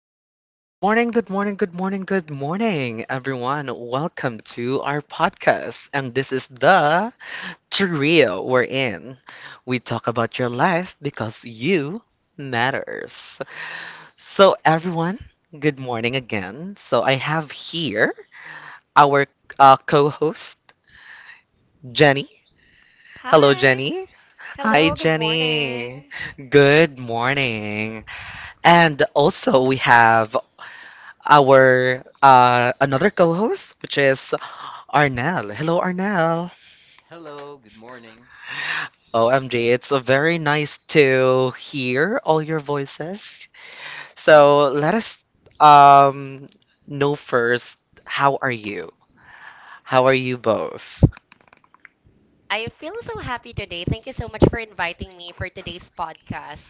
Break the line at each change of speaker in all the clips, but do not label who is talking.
Hello, good morning, good morning, good morning, good morning, everyone. Welcome to our podcast. And this is the trio we're in. We talk about your life because you matters. So, everyone, good morning again. So, I have here our co host, Jenny. Hello,
Hi.
Jenny. Hi,
Hello, good
Jenny.
morning.
Good morning. And also, we have our another co-host, which is Arnel. Hello, Arnel.
Hello, good morning.
OMG, it's very nice to hear all your voices. So let us um, know first, how are you? How are you both?
I feel so happy today. Thank you so much for inviting me for today's podcast.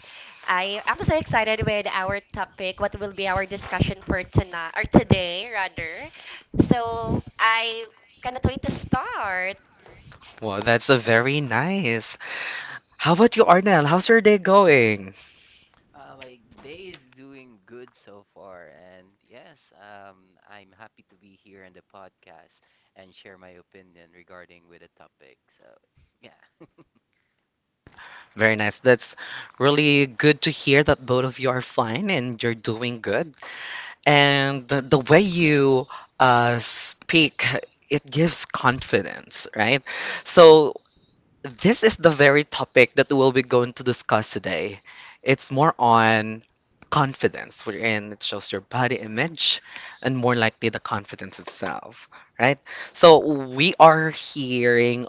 I am so excited with our topic, what will be our discussion for tonight or today rather. So I cannot wait to start.
Well, that's a very nice. How about you, Arnel? How's your day going?
My day is doing good so far, and yes, I'm happy to be here on the podcast and share my opinion regarding with the topic. So, yeah.
Very nice. That's really good to hear that both of you are fine and you're doing good. And the way you speak, it gives confidence, right? So, this is the very topic that we'll be going to discuss today. It's more on confidence, wherein it shows your body image and more likely the confidence itself, right? So, we are hearing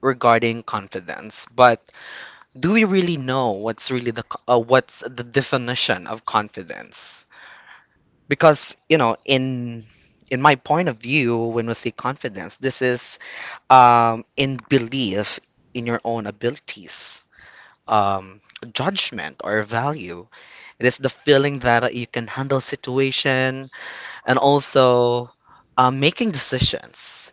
regarding confidence, but do we really know what's really what's the definition of confidence? Because you know in my point of view, when we say confidence, this is in belief in your own abilities, um, judgment or value. It is the feeling that you can handle situation and also making decisions,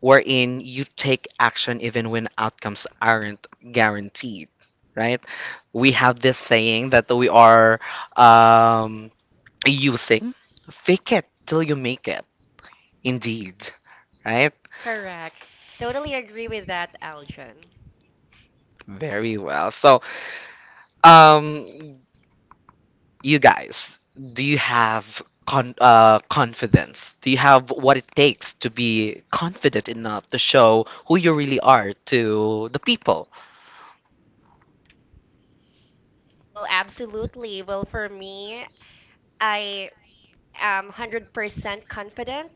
wherein you take action even when outcomes aren't guaranteed, right? We have this saying that we are um, using fake it till you make it indeed, right?
Correct. Totally agree with that, Aljon.
Very well. So um you guys, do you have confidence? Do you have what it takes to be confident enough to show who you really are to the people?
Well, absolutely. Well, for me, I am 100% confident.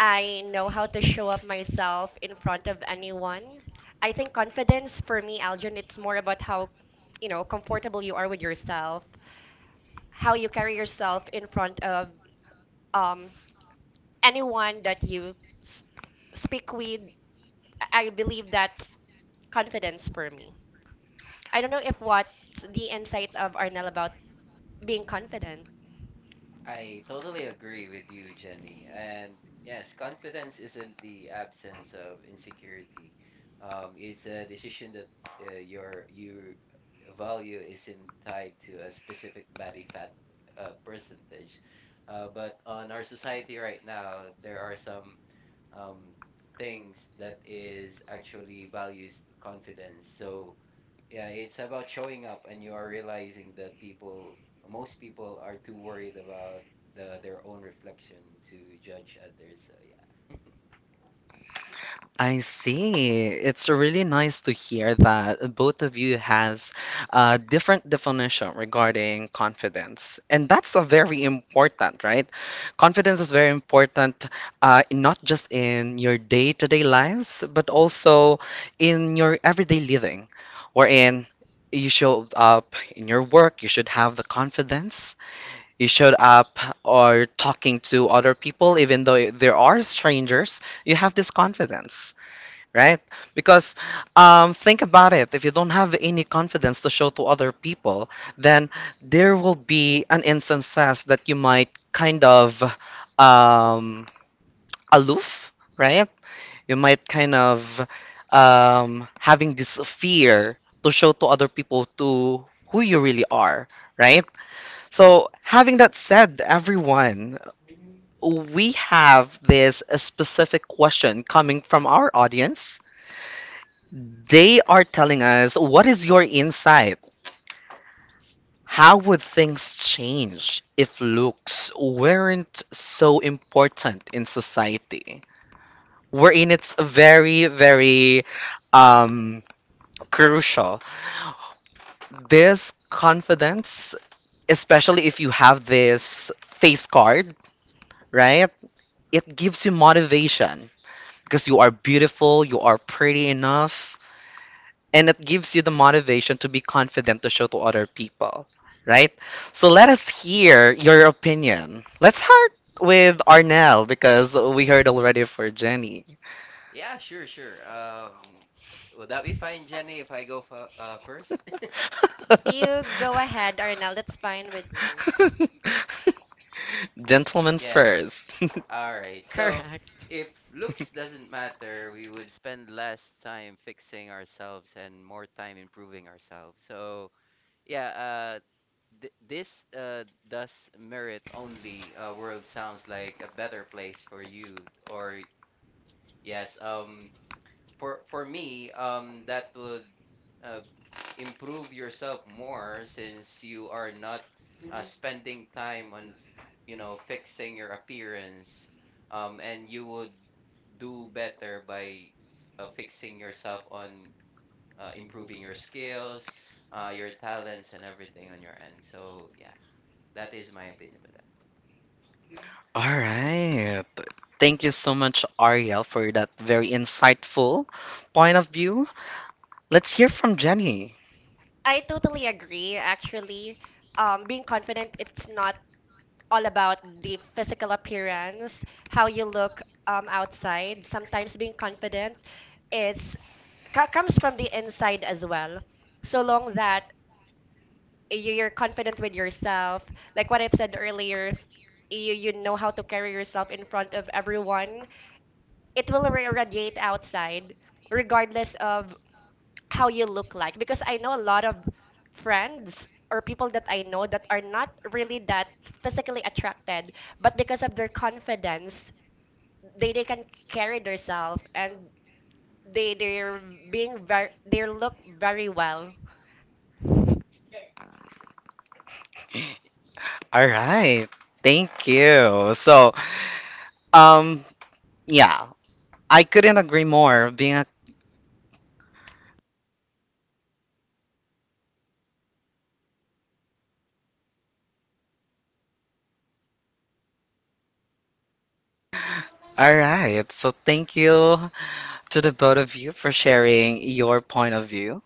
I know how to show up myself in front of anyone. I think confidence for me, Aljan, it's more about how, you know, comfortable you are with yourself, how you carry yourself in front of um, anyone that you s- speak with. I believe that's confidence for me. I don't know if what's the insight of Arnel about being confident.
I totally agree with you, Jenny. And yes, confidence isn't the absence of insecurity. It's a decision that your value isn't tied to a specific body fat percentage. But on our society right now, there are some um, things that is actually values confidence. So yeah, it's about showing up and you are realizing that people, most people are too worried about their own reflection to judge others. So
I see. It's really nice to hear that both of you has a different definition regarding confidence. And that's a very important, right? Confidence is very important, not just in your day-to-day lives, but also in your everyday living, wherein you show up in your work, you should have the confidence. You showed up or talking to other people, even though there are strangers, you have this confidence, right? Because think about it. If you don't have any confidence to show to other people, then there will be an instances that you might kind of um, aloof, right? You might kind of having this fear to show to other people to who you really are, right? So having that said, everyone, we have this specific question coming from our audience. They are telling us, what is your insight? How would things change if looks weren't so important in society? Wherein it's very, very um, crucial. This confidence, especially if you have this face card, right? It gives you motivation because you are beautiful, you are pretty enough, and it gives you the motivation to be confident to show to other people, right? So let us
yeah. Yeah.
hear your opinion. Let's start with Arnell because we heard already for Jenny.
Yeah, sure, sure. Would
Would
that
that
be
be fine,
fine, Jenny,
Jenny,
if
if
I
I
go
go
f
first?
first?
You go ahead, Arnel. That's fine with me.
Gentlemen. Yes,
Yes.
first.
All right. So,
Correct.
if looks doesn't matter, we would spend less time fixing ourselves and more time improving ourselves. So, yeah, th this does merit only world sounds like a better place for you. Or yes, for me, that would uh, improve yourself more since you are not spending time on, you know, fixing your appearance, and you would do better by fixing yourself on improving your skills, your talents, and everything on your end. So yeah, that is my opinion with that.
All right. Thank you so much, Ariel, for that very insightful point of view. Let's hear from Jenny.
I totally agree, actually. Being confident, it's not all about the physical appearance, how you look outside. Sometimes being confident is comes from the inside as well. So long that you're confident with yourself, like what I've said earlier, if you know how to carry yourself in front of everyone. It will radiate outside, regardless of how you look like because I know a lot of friends or people that I know that are not really that physically attracted, but because of their confidence, they can carry themselves and they're being very, they look very well.
All right. Thank you. So, um, yeah, I couldn't agree more. Being a all right. So, thank you to the both of you for sharing your point of view.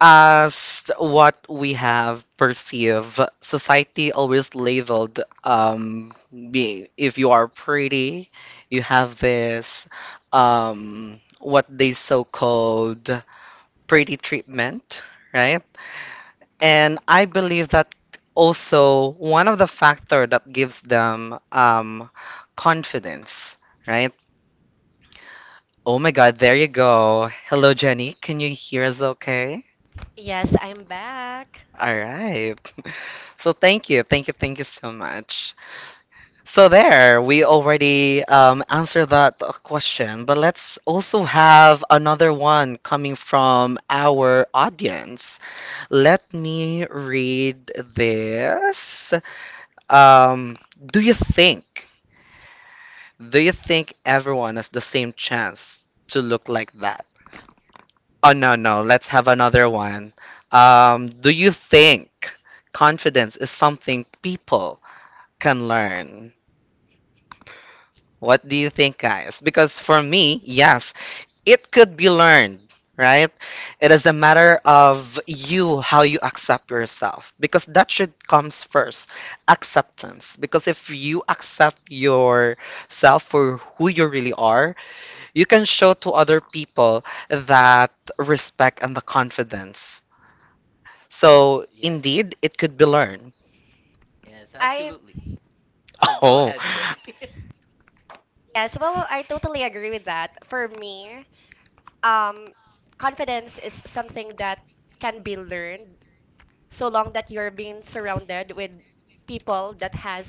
As what we have perceived, society always labeled, being if you are pretty, you have this what they so called pretty treatment, right? And I believe that also one of the factor that gives them confidence, right? Oh my God, there you go. Hello, Jenny. Can you hear us okay?
Yes, I'm back.
All right. So thank you, thank you, thank you so much. So there, we already answered that question, but let's also have another one coming from our audience. Let me read this. Um, do you think, do you think everyone has the same chance to look like that? Oh, no, no, let's have another one. Do you think confidence is something people can learn? What do you think, guys? Because for me, yes, it could be learned, right? It is a matter of you how you accept yourself, because that should comes first. Acceptance, because if you accept yourself for who you really are, you can show to other people that respect and the confidence. So
Yes.
indeed it could be learned.
Yes,
I
absolutely. Oh, go
Oh,
ahead, Jenny.
Yes, well, I totally agree with that. For me, um, confidence is something that can be learned so long that you're being surrounded with people that has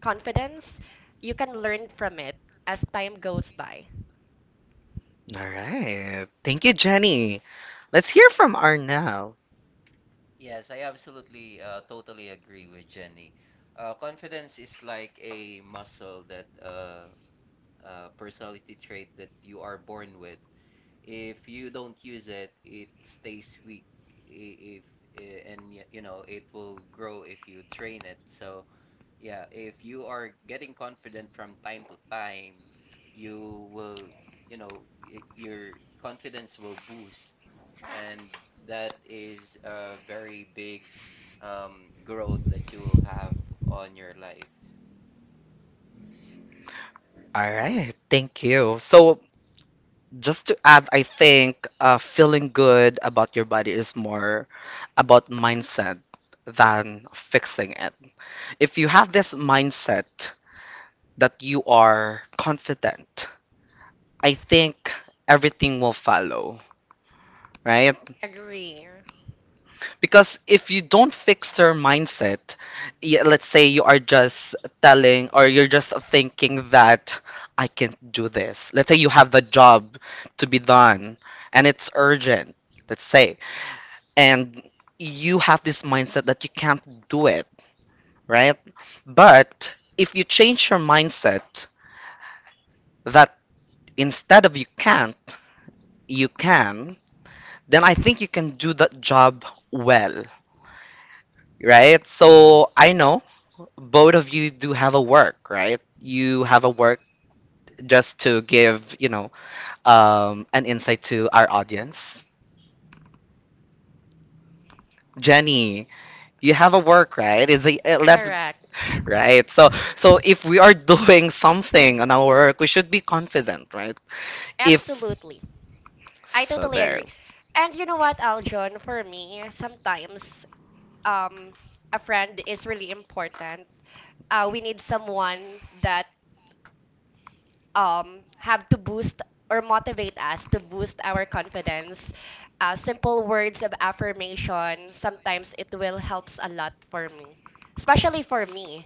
confidence, you can learn from it as time goes by.
all right, thank you, Jenny. Let's hear from Arnell.
Yes, I absolutely, totally agree with Jenny. Confidence is like a muscle that, personality trait that you are born with. If you don't use it, it stays weak. I- If I- And yet, you know, it will grow if you train it. So yeah, if you are getting confident from time to time, you will, you know, y your confidence will boost, and that is a very big growth that you will have on your life.
All right, thank you so. Just to add, I think feeling good about your body is more about mindset than fixing it. If you have this mindset that you are confident, I think everything will follow, right?
Agree.
Because if you don't fix your mindset, yeah, let's say you are just telling or you're just thinking that I can't do this. Let's say you have a job to be done and it's urgent, let's say, and you have this mindset that you can't do it, right? But if you change your mindset that instead of you can't, you can, then I think you can do that job well, right? So I know both of you do have a work, right? You have a work, just to give, you know, an insight to our audience. Jenny, you have a work, right? It's a, let's
Correct.
right. So so if we are doing something on our work we should be confident, right? If
Absolutely. I
so
totally
there.
agree. And you know what, Aljon, for me, sometimes um a friend is really important. Uh, we need someone that, have to boost or motivate us to boost our confidence. Simple words of affirmation, sometimes it will helps a lot for me, especially for me.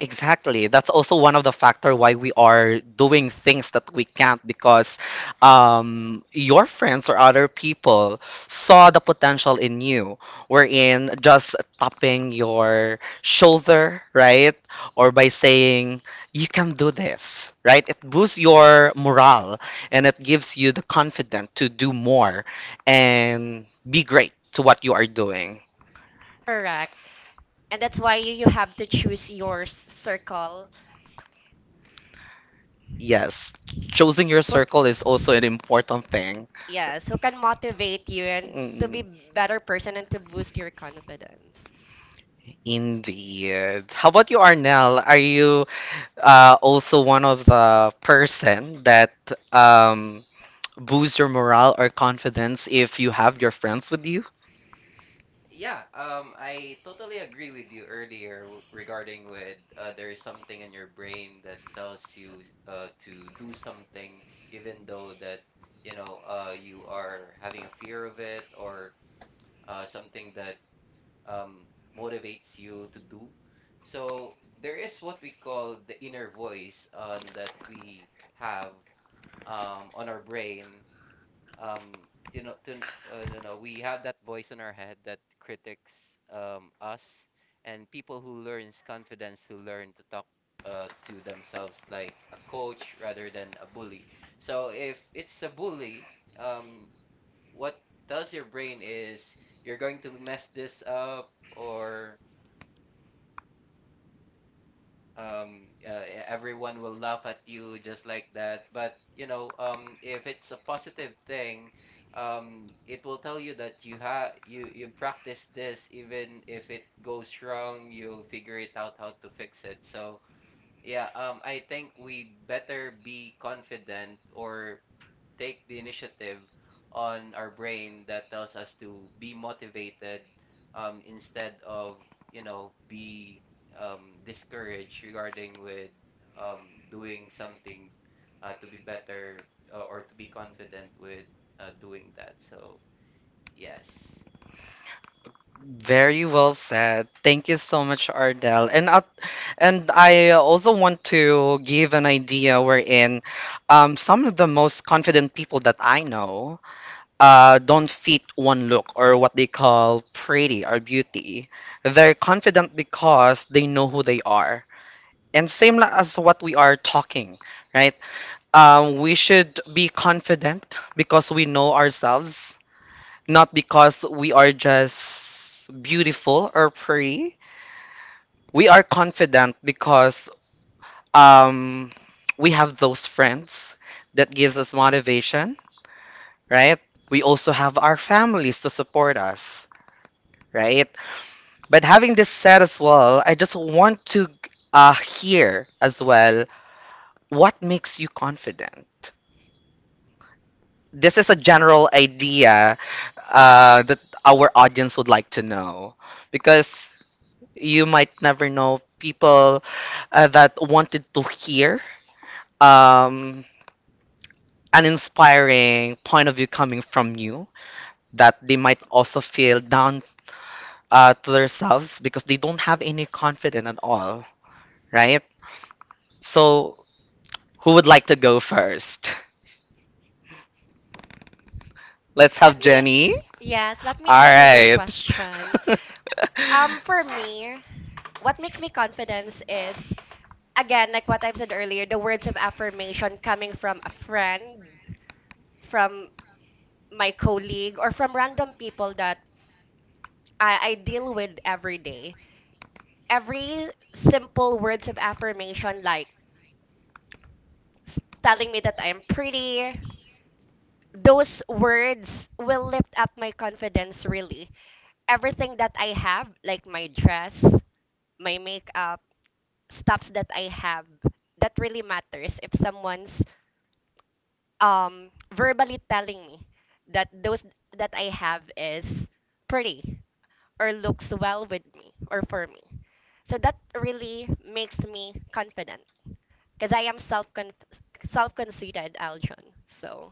Exactly. That's also one of the factor why we are doing things that we can't, because your friends or other people saw the potential in you, wherein just tapping your shoulder, right? Or by saying, you can do this, right? It boosts your morale and it gives you the confidence to do more and be great to what you are doing.
Correct. And that's why you have to choose your circle.
Yes, choosing your
Who, c-
circle is also an important thing.
yes, who can motivate you and to be
Mm.
better person and to boost your confidence.
Indeed. How about you, Arnell? Are you also one of the person that um, boosts your morale or confidence if you have your friends with you?
Yeah, I totally agree with you earlier regarding with there is something in your brain that tells you to do something, even though that you know you are having a fear of it or something that um, motivates you to do. So there is what we call the inner voice on that we have on our brain. Um, you know, to, you know, we have that voice in our head that critics us and people who learns confidence to learn to talk to themselves like a coach rather than a bully. So if it's a bully, um, what tells your brain is you're going to mess this up or everyone will laugh at you just like that. But you know, if it's a positive thing, it will tell you that you practice this even if it goes wrong, you'll figure it out how to fix it. So yeah, I think we better be confident or take the initiative on our brain that tells us to be motivated instead of, you know, be discouraged regarding with doing something to be better or to be confident with doing that. So, yes.
Very well said. Thank you so much, Ardell. And I also want to give an idea wherein some of the most confident people that I know don't fit one look or what they call pretty or beauty. They're confident because they know who they are. And as what we are talking, right? We should be confident because we know ourselves, not because we are just beautiful or pretty. We are confident because um, we have those friends that gives us motivation, right? We also have our families to support us, right? But having this said as well, I just want to hear as well what makes you confident. This is a general idea that our audience would like to know because you might never know people that wanted to hear um, an inspiring point of view coming from you that they might also feel down to themselves because they don't have any confidence at all, right? So, who would like to go first? Let's
Let
have Jenny.
me, yes, let me
All
answer this
right.
question. For me, what makes me confidence is again like what I've said earlier, the words of affirmation coming from a friend, from my colleague, or from random people that I deal with every day. Every simple words of affirmation, like s- telling me that I'm pretty, those words will lift up my confidence, really. Everything that I have, like my dress, my makeup, stuffs that I have, that really matters if someone's um verbally telling me that those that I have is pretty or looks well with me or for me. So that really makes me confident because I am self-conceited, Aljon. So,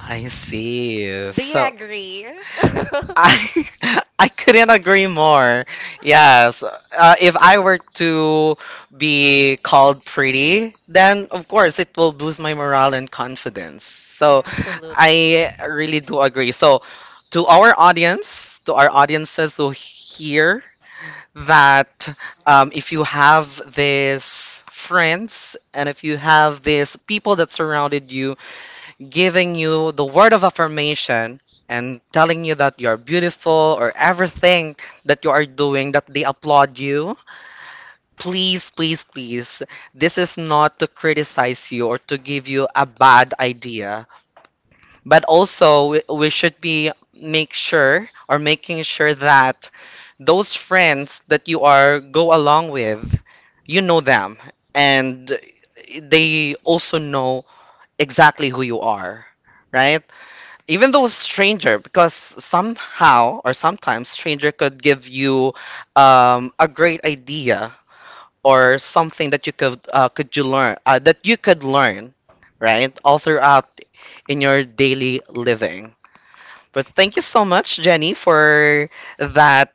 I see.
do you
So
agree?
I I couldn't agree more. Yes. If I were to be called pretty, then of course it will boost my morale and confidence. So
Absolutely.
I really do agree. So to our audience, to our audiences who hear that if you have these friends and if you have these people that surrounded you, giving you the word of affirmation and telling you that you're beautiful or everything that you are doing that they applaud you, please please please, this is not to criticize you or to give you a bad idea, but also, we should be make sure or making sure that those friends that you are go along with, you know them, and they also know exactly who you are, right? Even though stranger, because somehow or sometimes stranger could give you a great idea or something that you could you learn that you could learn, right? All throughout in your daily living. But thank you so much, Jenny, for that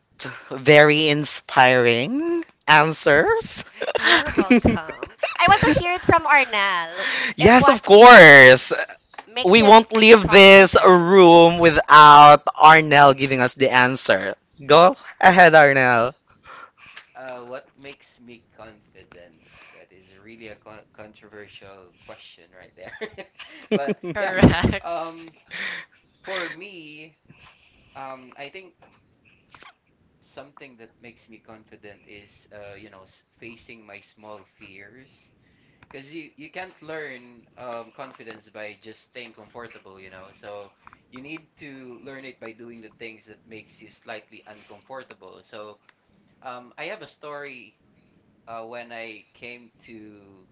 very inspiring answers.
You're welcome. I want to hear it from Arnel. If
Yes,
what
of course.
makes
We
him
won't leave this
confident.
room without Arnell giving us the answer. Go ahead, Arnell.
What makes me confident? That is really a controversial question right there. But yeah,
Correct.
um, for me, I think something that makes me confident is you know facing my small fears because you can't learn confidence by just staying comfortable, you know. So you need to learn it by doing the things that makes you slightly uncomfortable. So I have a story when I came to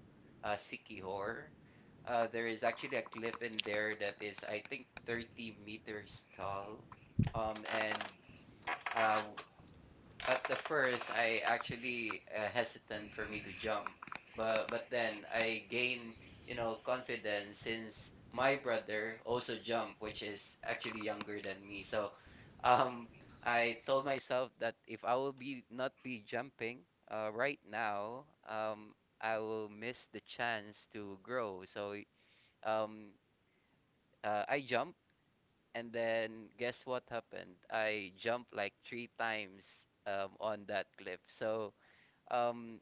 Sikihor. There is actually a cliff in there that is, I think, 30 meters tall, and uh, at the first I actually hesitant for me to jump, but then I gain, you know, confidence since my brother also jumped, which is actually younger than me. So um, I told myself that if I will be not be jumping right now, I will miss the chance to grow. So um, I jumped. And then guess what happened? I jumped like three times on that cliff. So um,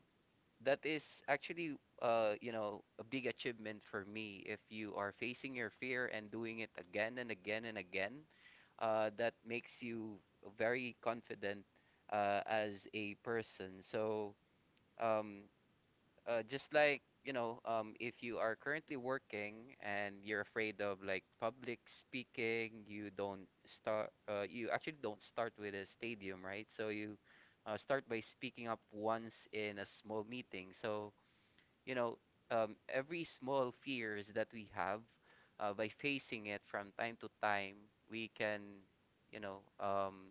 that is actually, you know, a big achievement for me. If you are facing your fear and doing it again and again and again, that makes you very confident, as a person. So, um, just like, you know, if you are currently working and you're afraid of like public speaking, you don't start, you actually don't start with a stadium, right? So you start by speaking up once in a small meeting. So you know, every small fears that we have by facing it from time to time, we can, you know, um,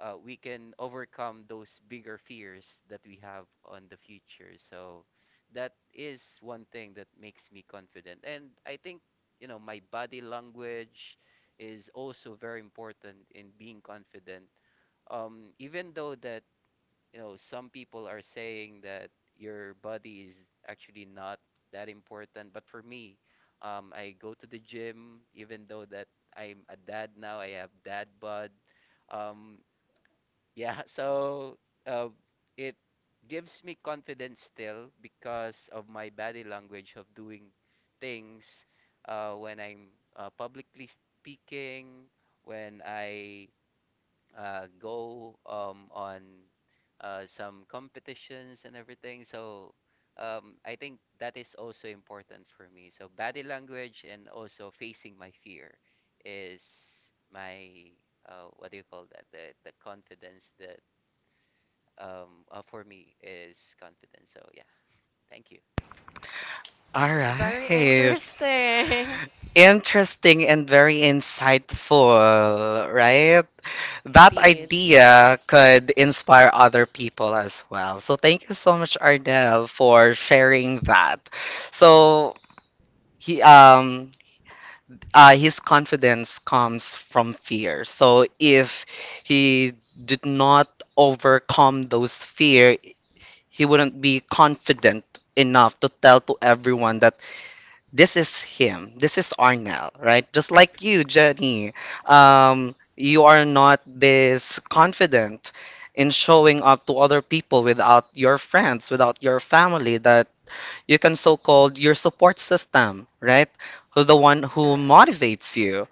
uh, we can overcome those bigger fears that we have on the future. So that is one thing that makes me confident. And I think, you know, my body language is also very important in being confident. Even though that, you know, some people are saying that your body is actually not that important, but for me, I go to the gym, even though that I'm a dad now, I have dad bod. Um, yeah, so uh, it gives me confidence still because of my body language of doing things when I'm publicly speaking, when I go on some competitions and everything. So I think that is also important for me. So body language and also facing my fear is my what do you call that? The confidence, the for me is confidence. So yeah, thank you.
All
Very
right.
interesting.
Interesting and very insightful, right? That
Did.
idea could inspire other people as well. So thank you so much, Ardell, for sharing that. So he his confidence comes from fear. So if he did not overcome those fear, he wouldn't be confident enough to tell to everyone that this is him. This is Arnel, right? Just like you, Jenny. You are not this confident in showing up to other people without your friends, without your family, that you can so called your support system, right? Who's the one who
Correct.
motivates you,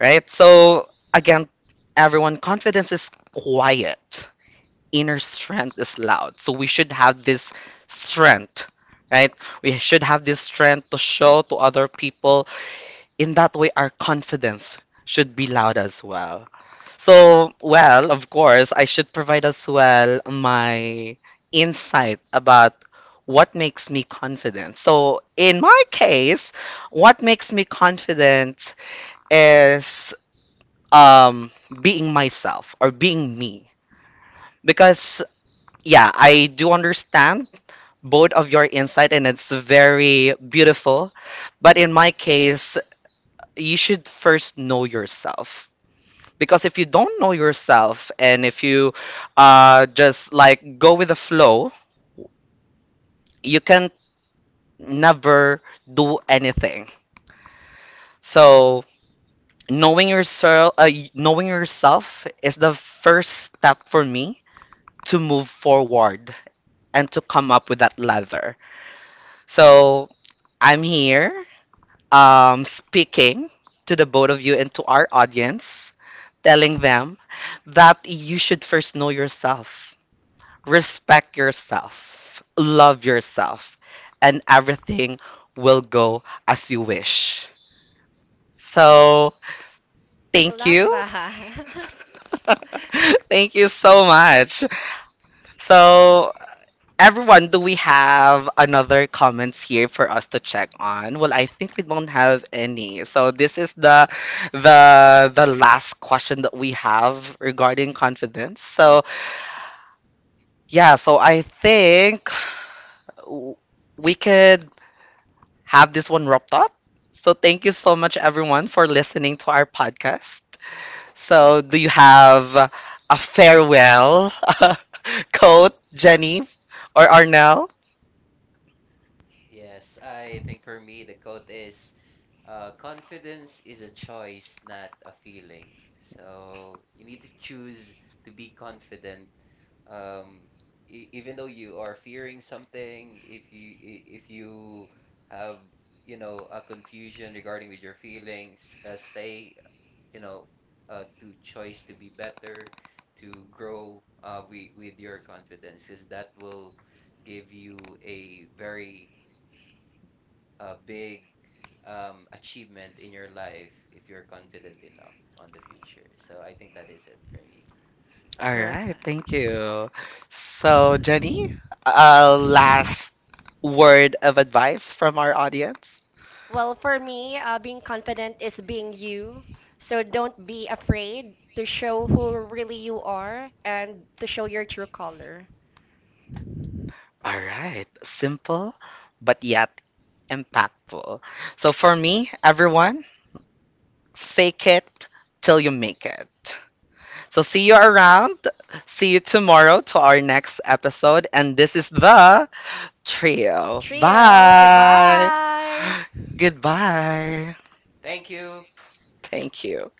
right? So, again, everyone, confidence is quiet, inner strength is loud. So we should have this strength, right? We should have this strength to show to other people. In that way, our confidence should be loud as well. So, well, of course, I should provide as well my insight about what makes me confident. So, in my case, what makes me confident is um, being myself or being me, because yeah, I do understand both of your insight and it's very beautiful. But in my case, you should first know yourself. Because if you don't know yourself and if you just like go with the flow, you can never do anything. So knowing yourself, knowing yourself is the first step for me to move forward and to come up with that ladder. So I'm here speaking to the both of you and to our audience, telling them that you should first know yourself, respect yourself, love yourself, and everything will go as you wish. So,
I
thank
love
you.
that.
Thank you so much. So, everyone, do we have another comments here for us to check on? Well, I think we don't have any. So this is the last question that we have regarding confidence. So yeah, so I think w- we could have this one wrapped up. So thank you so much everyone for listening to our podcast. So do you have a farewell quote, Jenny or Arnell?
Yes, I think for me the quote is confidence is a choice, not a feeling. So you need to choose to be confident, um, e even though you are fearing something, if if you have, you know, a confusion regarding with your feelings, stay, you know, to choice to be better, to grow with your confidence, because that will give you a very big achievement in your life if you're confident enough on the future. So I think that is it for me.
All right, thank
Perfect.
you. So, Jenny, a last word of advice from our audience.
Well, for me, being confident is being you. So don't be afraid to show who really you are and to show your true color.
All right, simple but yet impactful. So, for me, everyone, fake it till you make it. So, see you around. See you tomorrow to our next episode. And this is the trio.
Trio,
Bye.
goodbye.
Goodbye.
Thank you.
Thank you.